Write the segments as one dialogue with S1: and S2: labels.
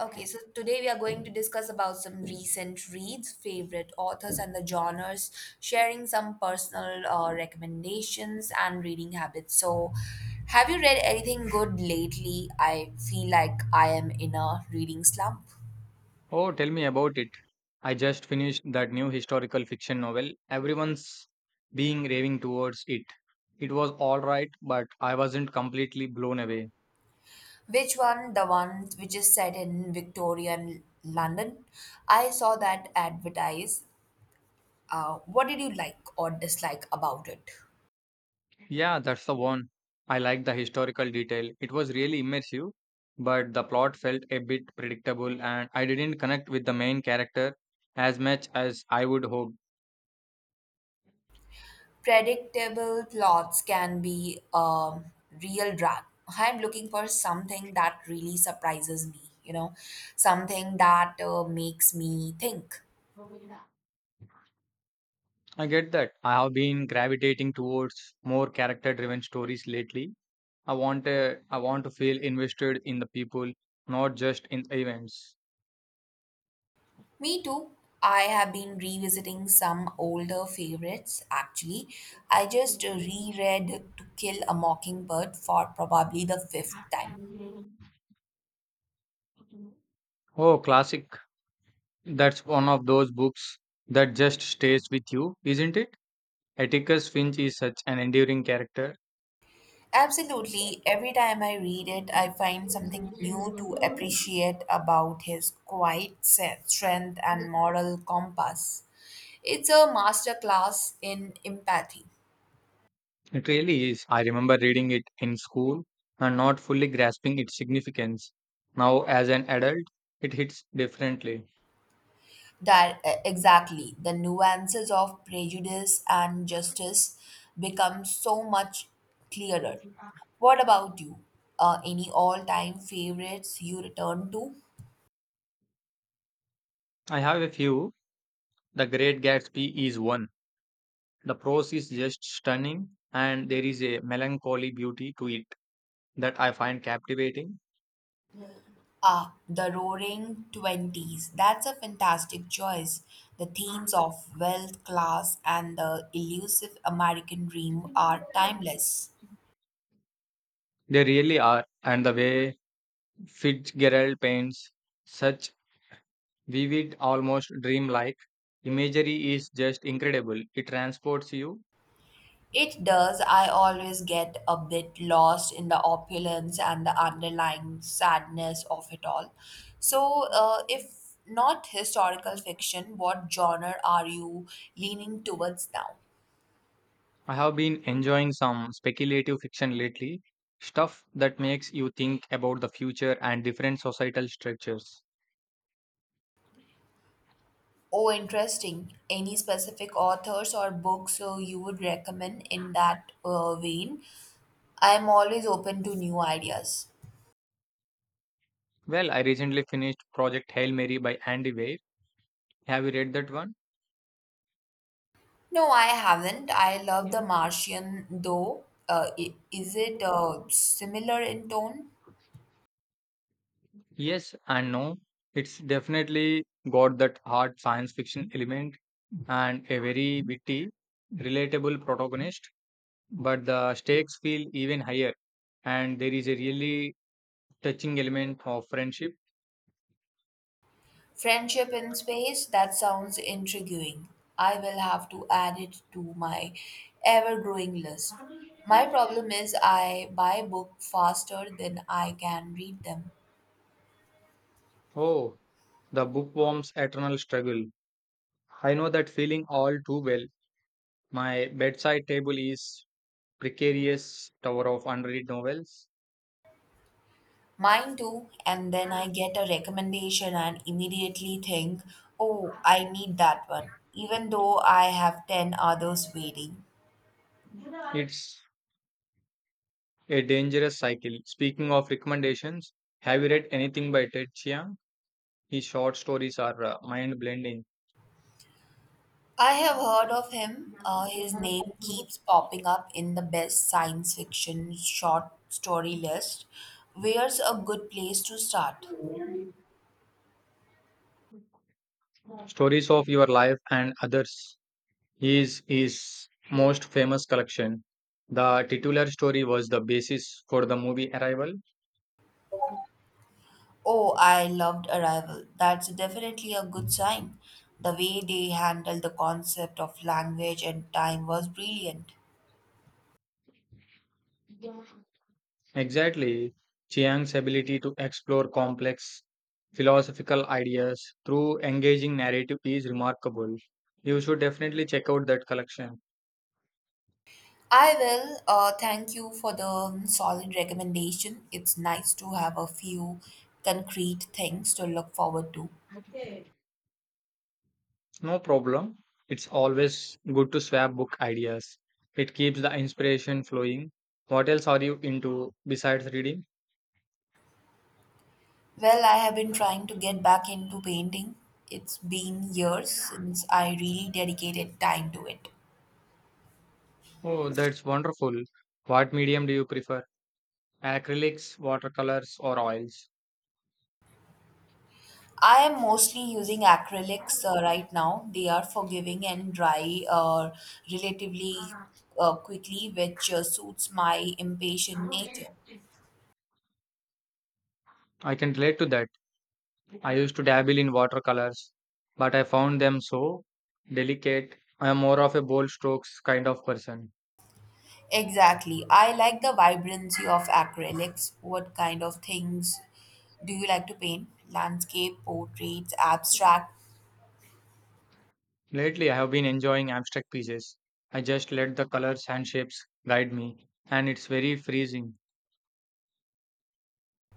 S1: Okay, so today we are going to discuss about some recent reads, favorite authors and the genres, sharing some personal recommendations and reading habits. So, have you read anything good lately? I feel like I am in a reading slump.
S2: Oh, tell me about it. I just finished that new historical fiction novel. Everyone's being raving towards it. It was all right, but I wasn't completely blown away.
S1: Which one? The one which is set in Victorian London. I saw that advertised. What did you like or dislike about it?
S2: Yeah, that's the one. I liked the historical detail. It was really immersive, but the plot felt a bit predictable and I didn't connect with the main character as much as I would hope.
S1: Predictable plots can be a real drag. I'm looking for something that really surprises me, you know, something that makes me think.
S2: I get that. I have been gravitating towards more character driven stories lately, I want a, I want to feel invested in the people, not just in events.
S1: Me too. I have been revisiting some older favorites actually. I just reread To Kill a Mockingbird for probably the fifth time.
S2: Oh, classic. That's one of those books that just stays with you, isn't it? Atticus Finch is such an enduring character.
S1: Absolutely. Every time I read it, I find something new to appreciate about his quiet strength and moral compass. It's a masterclass in empathy.
S2: It really is. I remember reading it in school and not fully grasping its significance. Now, as an adult, it hits differently.
S1: That Exactly, the nuances of prejudice and justice become so much clearer. What about you? Any all-time favorites you return to?
S2: I have a few. The Great Gatsby is one. The prose is just stunning, and there is a melancholy beauty to it that I find captivating.
S1: Ah, the Roaring Twenties. That's a fantastic choice. The themes of wealth, class, and the elusive American dream are timeless.
S2: They really are, and the way Fitzgerald paints such vivid, almost dreamlike imagery is just incredible. It transports you.
S1: It does. I always get a bit lost in the opulence and the underlying sadness of it all. So, if not historical fiction, what genre are you leaning towards now?
S2: I have been enjoying some speculative fiction lately, stuff that makes you think about the future and different societal structures.
S1: Oh, interesting. Any specific authors or books you would recommend in that vein? I'm always open to new ideas.
S2: Well, I recently finished Project Hail Mary by Andy Weir. Have you read that one?
S1: No, I haven't. I love The Martian, though. Is it similar in tone?
S2: Yes and no. It's definitely got that hard science fiction element and a very witty, relatable protagonist, but the stakes feel even higher, and there is a really touching element of friendship.
S1: Friendship in Space? That sounds intriguing. I will have to add it to my ever growing list. My problem is I buy books faster than I can read them.
S2: Oh, the bookworm's eternal struggle. I know that feeling all too well. My bedside table is precarious tower of unread novels.
S1: Mine too, and then I get a recommendation and immediately think, oh, I need that one, even though I have 10 others waiting.
S2: It's a dangerous cycle. Speaking of recommendations, have you read anything by Ted Chiang? His short stories are mind blending
S1: I have heard of him. His name keeps popping up in the best science fiction short story list. Where's a good place to start?
S2: stories of your life and others. His most famous collection, the titular story, was the basis for the movie Arrival.
S1: Oh, I loved Arrival. That's definitely a good sign. The way they handled the concept of language and time was brilliant.
S2: Exactly, Chiang's ability to explore complex philosophical ideas through engaging narrative is remarkable. You should definitely check out that collection.
S1: I will. Thank you for the solid recommendation. It's nice to have a few concrete things to look forward to.
S2: No problem. It's always good to swap book ideas. It keeps the inspiration flowing. What else are you into besides reading?
S1: Well, I have been trying to get back into painting. It's been years since I really dedicated time to it.
S2: Oh, that's wonderful. What medium do you prefer? Acrylics, watercolors, or oils?
S1: I am mostly using acrylics right now. They are forgiving and dry relatively quickly, which suits my impatient nature.
S2: I can relate to that. I used to dabble in watercolors, but I found them so delicate. I am more of a bold strokes kind of person.
S1: Exactly. I like the vibrancy of acrylics. What kind of things do you like to paint? Landscape, portraits, abstract?
S2: Lately, I have been enjoying abstract pieces. I just let the colors and shapes guide me, and it's very freezing.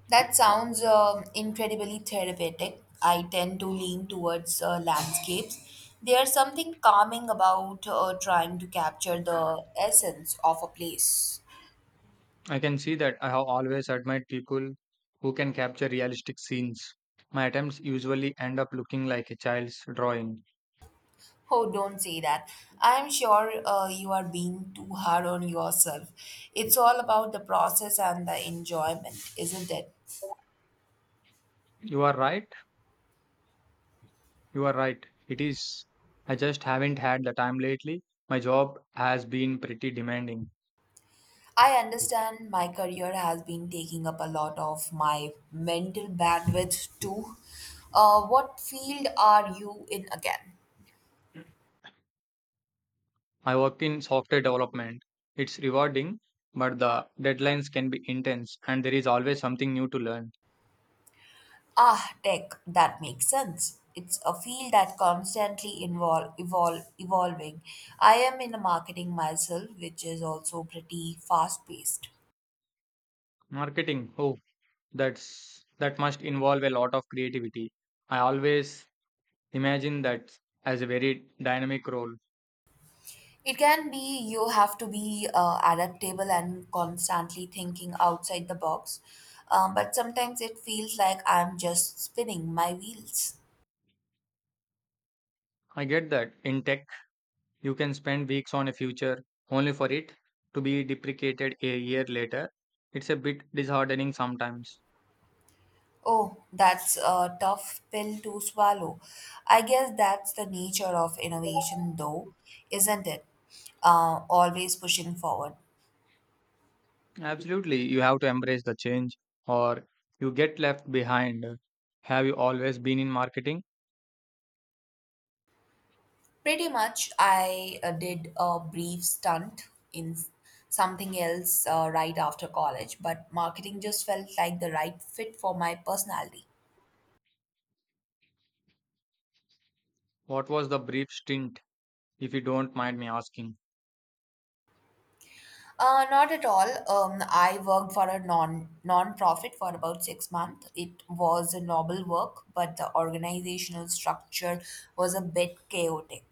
S1: That sounds incredibly therapeutic. I tend to lean towards landscapes. There's something calming about trying to capture the essence of a place.
S2: I can see that. I have always admired people who can capture realistic scenes. My attempts usually end up looking like a child's drawing.
S1: Oh, don't say that. I'm sure you are being too hard on yourself. It's all about the process and the enjoyment, isn't it?
S2: You are right You are right. It is. I just haven't had the time lately. My job has been pretty demanding.
S1: I understand, my career has been taking up a lot of my mental bandwidth too. What field are you in again?
S2: I work in software development. It's rewarding, but the deadlines can be intense and there is always something new to learn.
S1: Ah, tech, that makes sense. It's a field that constantly invol evol evolving. I am in marketing myself, which is also pretty fast paced.
S2: Marketing, oh, that must involve a lot of creativity. I always imagine that as a very dynamic role.
S1: It can be. You have to be adaptable and constantly thinking outside the box. But sometimes it feels like I'm just spinning my wheels.
S2: I get that. In tech, you can spend weeks on a future only for it to be deprecated a year later. It's a bit disheartening sometimes.
S1: Oh, that's a tough pill to swallow. I guess that's the nature of innovation, though, isn't it? Always pushing forward.
S2: Absolutely, you have to embrace the change or you get left behind. Have you always been in marketing?
S1: Pretty much. I did a brief stunt in something else right after college, but marketing just felt like the right fit for my personality.
S2: What was the brief stint, if you don't mind me asking?
S1: Not at all. I worked for a non-profit for about 6 months. It was a noble work, but the organizational structure was a bit chaotic.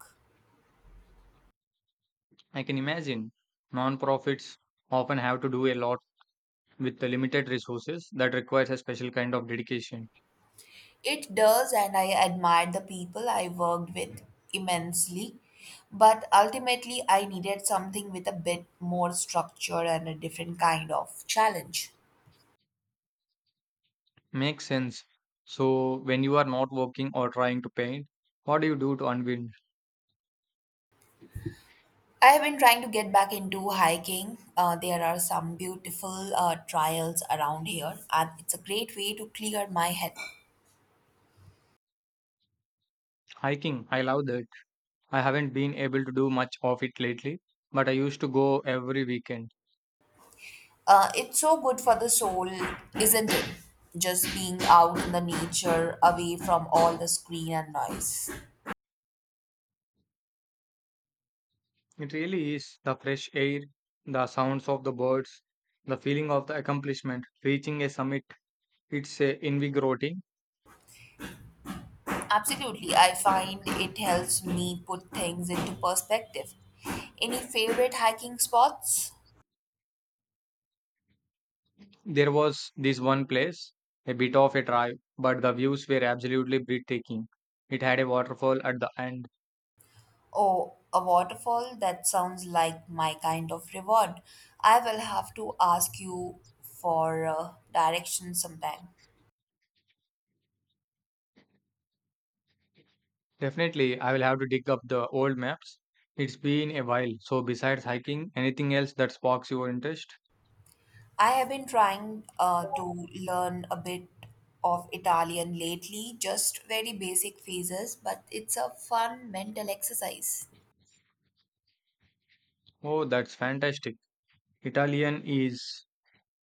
S2: I can imagine nonprofits often have to do a lot with the limited resources. That requires a special kind of dedication.
S1: It does, and I admired the people I worked with immensely. But ultimately, I needed something with a bit more structure and a different kind of challenge.
S2: Makes sense. So, when you are not working or trying to paint, what do you do to unwind?
S1: I have been trying to get back into hiking. There are some beautiful trails around here, and it's a great way to clear my head.
S2: Hiking, I love that. I haven't been able to do much of it lately, but I used to go every weekend.
S1: It's so good for the soul, isn't it? Just being out in the nature, away from all the screen and noise.
S2: It really is the fresh air, the sounds of the birds, the feeling of the accomplishment, reaching a summit. It's invigorating.
S1: Absolutely, I find it helps me put things into perspective. Any favorite hiking spots?
S2: There was this one place, a bit of a drive, but the views were absolutely breathtaking. It had a waterfall at the end.
S1: Oh, a waterfall? That sounds like my kind of reward. I will have to ask you for directions sometime.
S2: Definitely, I will have to dig up the old maps. It's been a while, so besides hiking, anything else that sparks your interest?
S1: I have been trying to learn a bit of Italian lately, just very basic phrases, but it's a fun mental exercise.
S2: Oh, that's fantastic. Italian is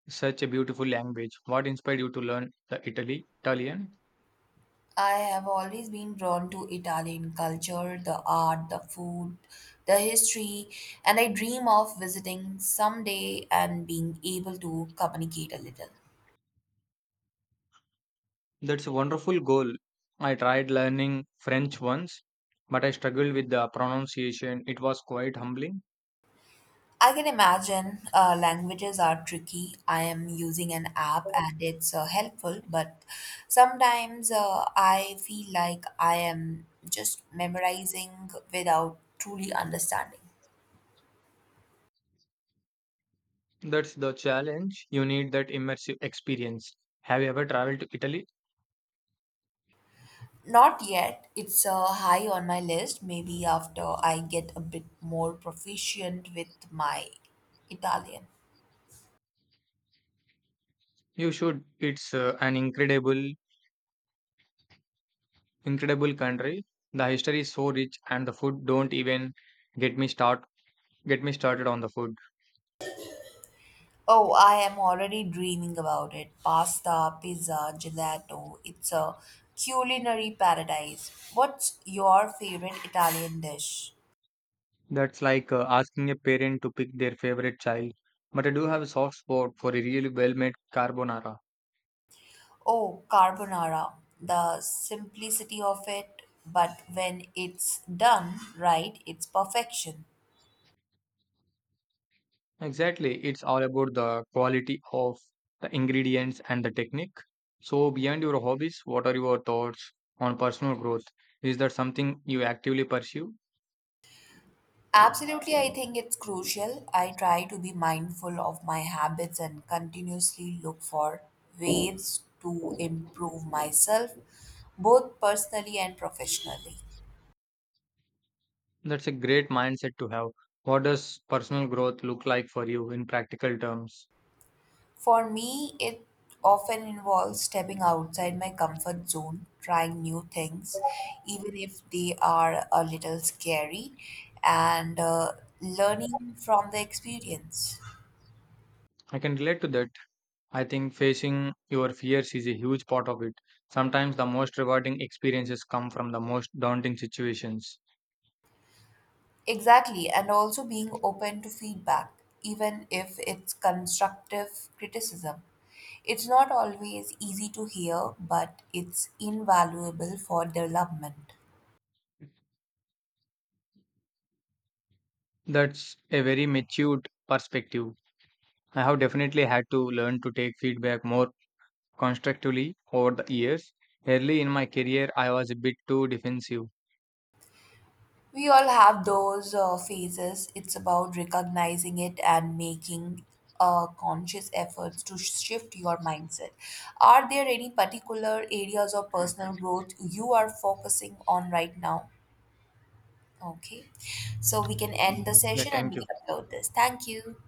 S2: such a beautiful language. What inspired you to learn the Italy Italian?
S1: I have always been drawn to Italian culture, the art, the food, the history, and I dream of visiting someday and being able to communicate a little.
S2: That's a wonderful goal. I tried learning French once, but I struggled with the pronunciation. It was quite humbling.
S1: I can imagine languages are tricky. I am using an app and it's helpful, but sometimes I feel like I am just memorizing without truly understanding.
S2: That's the challenge. You need that immersive experience. Have you ever traveled to Italy?
S1: Not yet. It's high on my list. Maybe after I get a bit more proficient with my Italian.
S2: You should. It's an incredible country. The history is so rich, and the food. Don't even get me start get me started on the food.
S1: Oh, I am already dreaming about it. Pasta, pizza, gelato. It's a culinary paradise. What's your favorite Italian dish?
S2: That's like asking a parent to pick their favorite child. But I do have a soft spot for a really well-made carbonara.
S1: Oh, carbonara. The simplicity of it, but when it's done right, it's perfection.
S2: Exactly, it's all about the quality of the ingredients and the technique. So, beyond your hobbies, what are your thoughts on personal growth? Is that something you actively pursue?
S1: Absolutely, I think it's crucial. I try to be mindful of my habits and continuously look for ways to improve myself, both personally and professionally.
S2: That's a great mindset to have. What does personal growth look like for you in practical terms?
S1: For me, it often involves stepping outside my comfort zone, trying new things, even if they are a little scary, and learning from the experience.
S2: I can relate to that. I think facing your fears is a huge part of it. Sometimes the most rewarding experiences come from the most daunting situations.
S1: Exactly, and also being open to feedback, even if it's constructive criticism. It's not always easy to hear, but it's invaluable for development.
S2: That's a very matured perspective. I have definitely had to learn to take feedback more constructively over the years. Early in my career, I was a bit too defensive.
S1: We all have those phases. It's about recognizing it and making conscious efforts to shift your mindset. Are there any particular areas of personal growth you are focusing on right now? Okay. So we can end the
S2: Yeah,
S1: session and
S2: thank
S1: we
S2: you.
S1: can upload this. Thank you.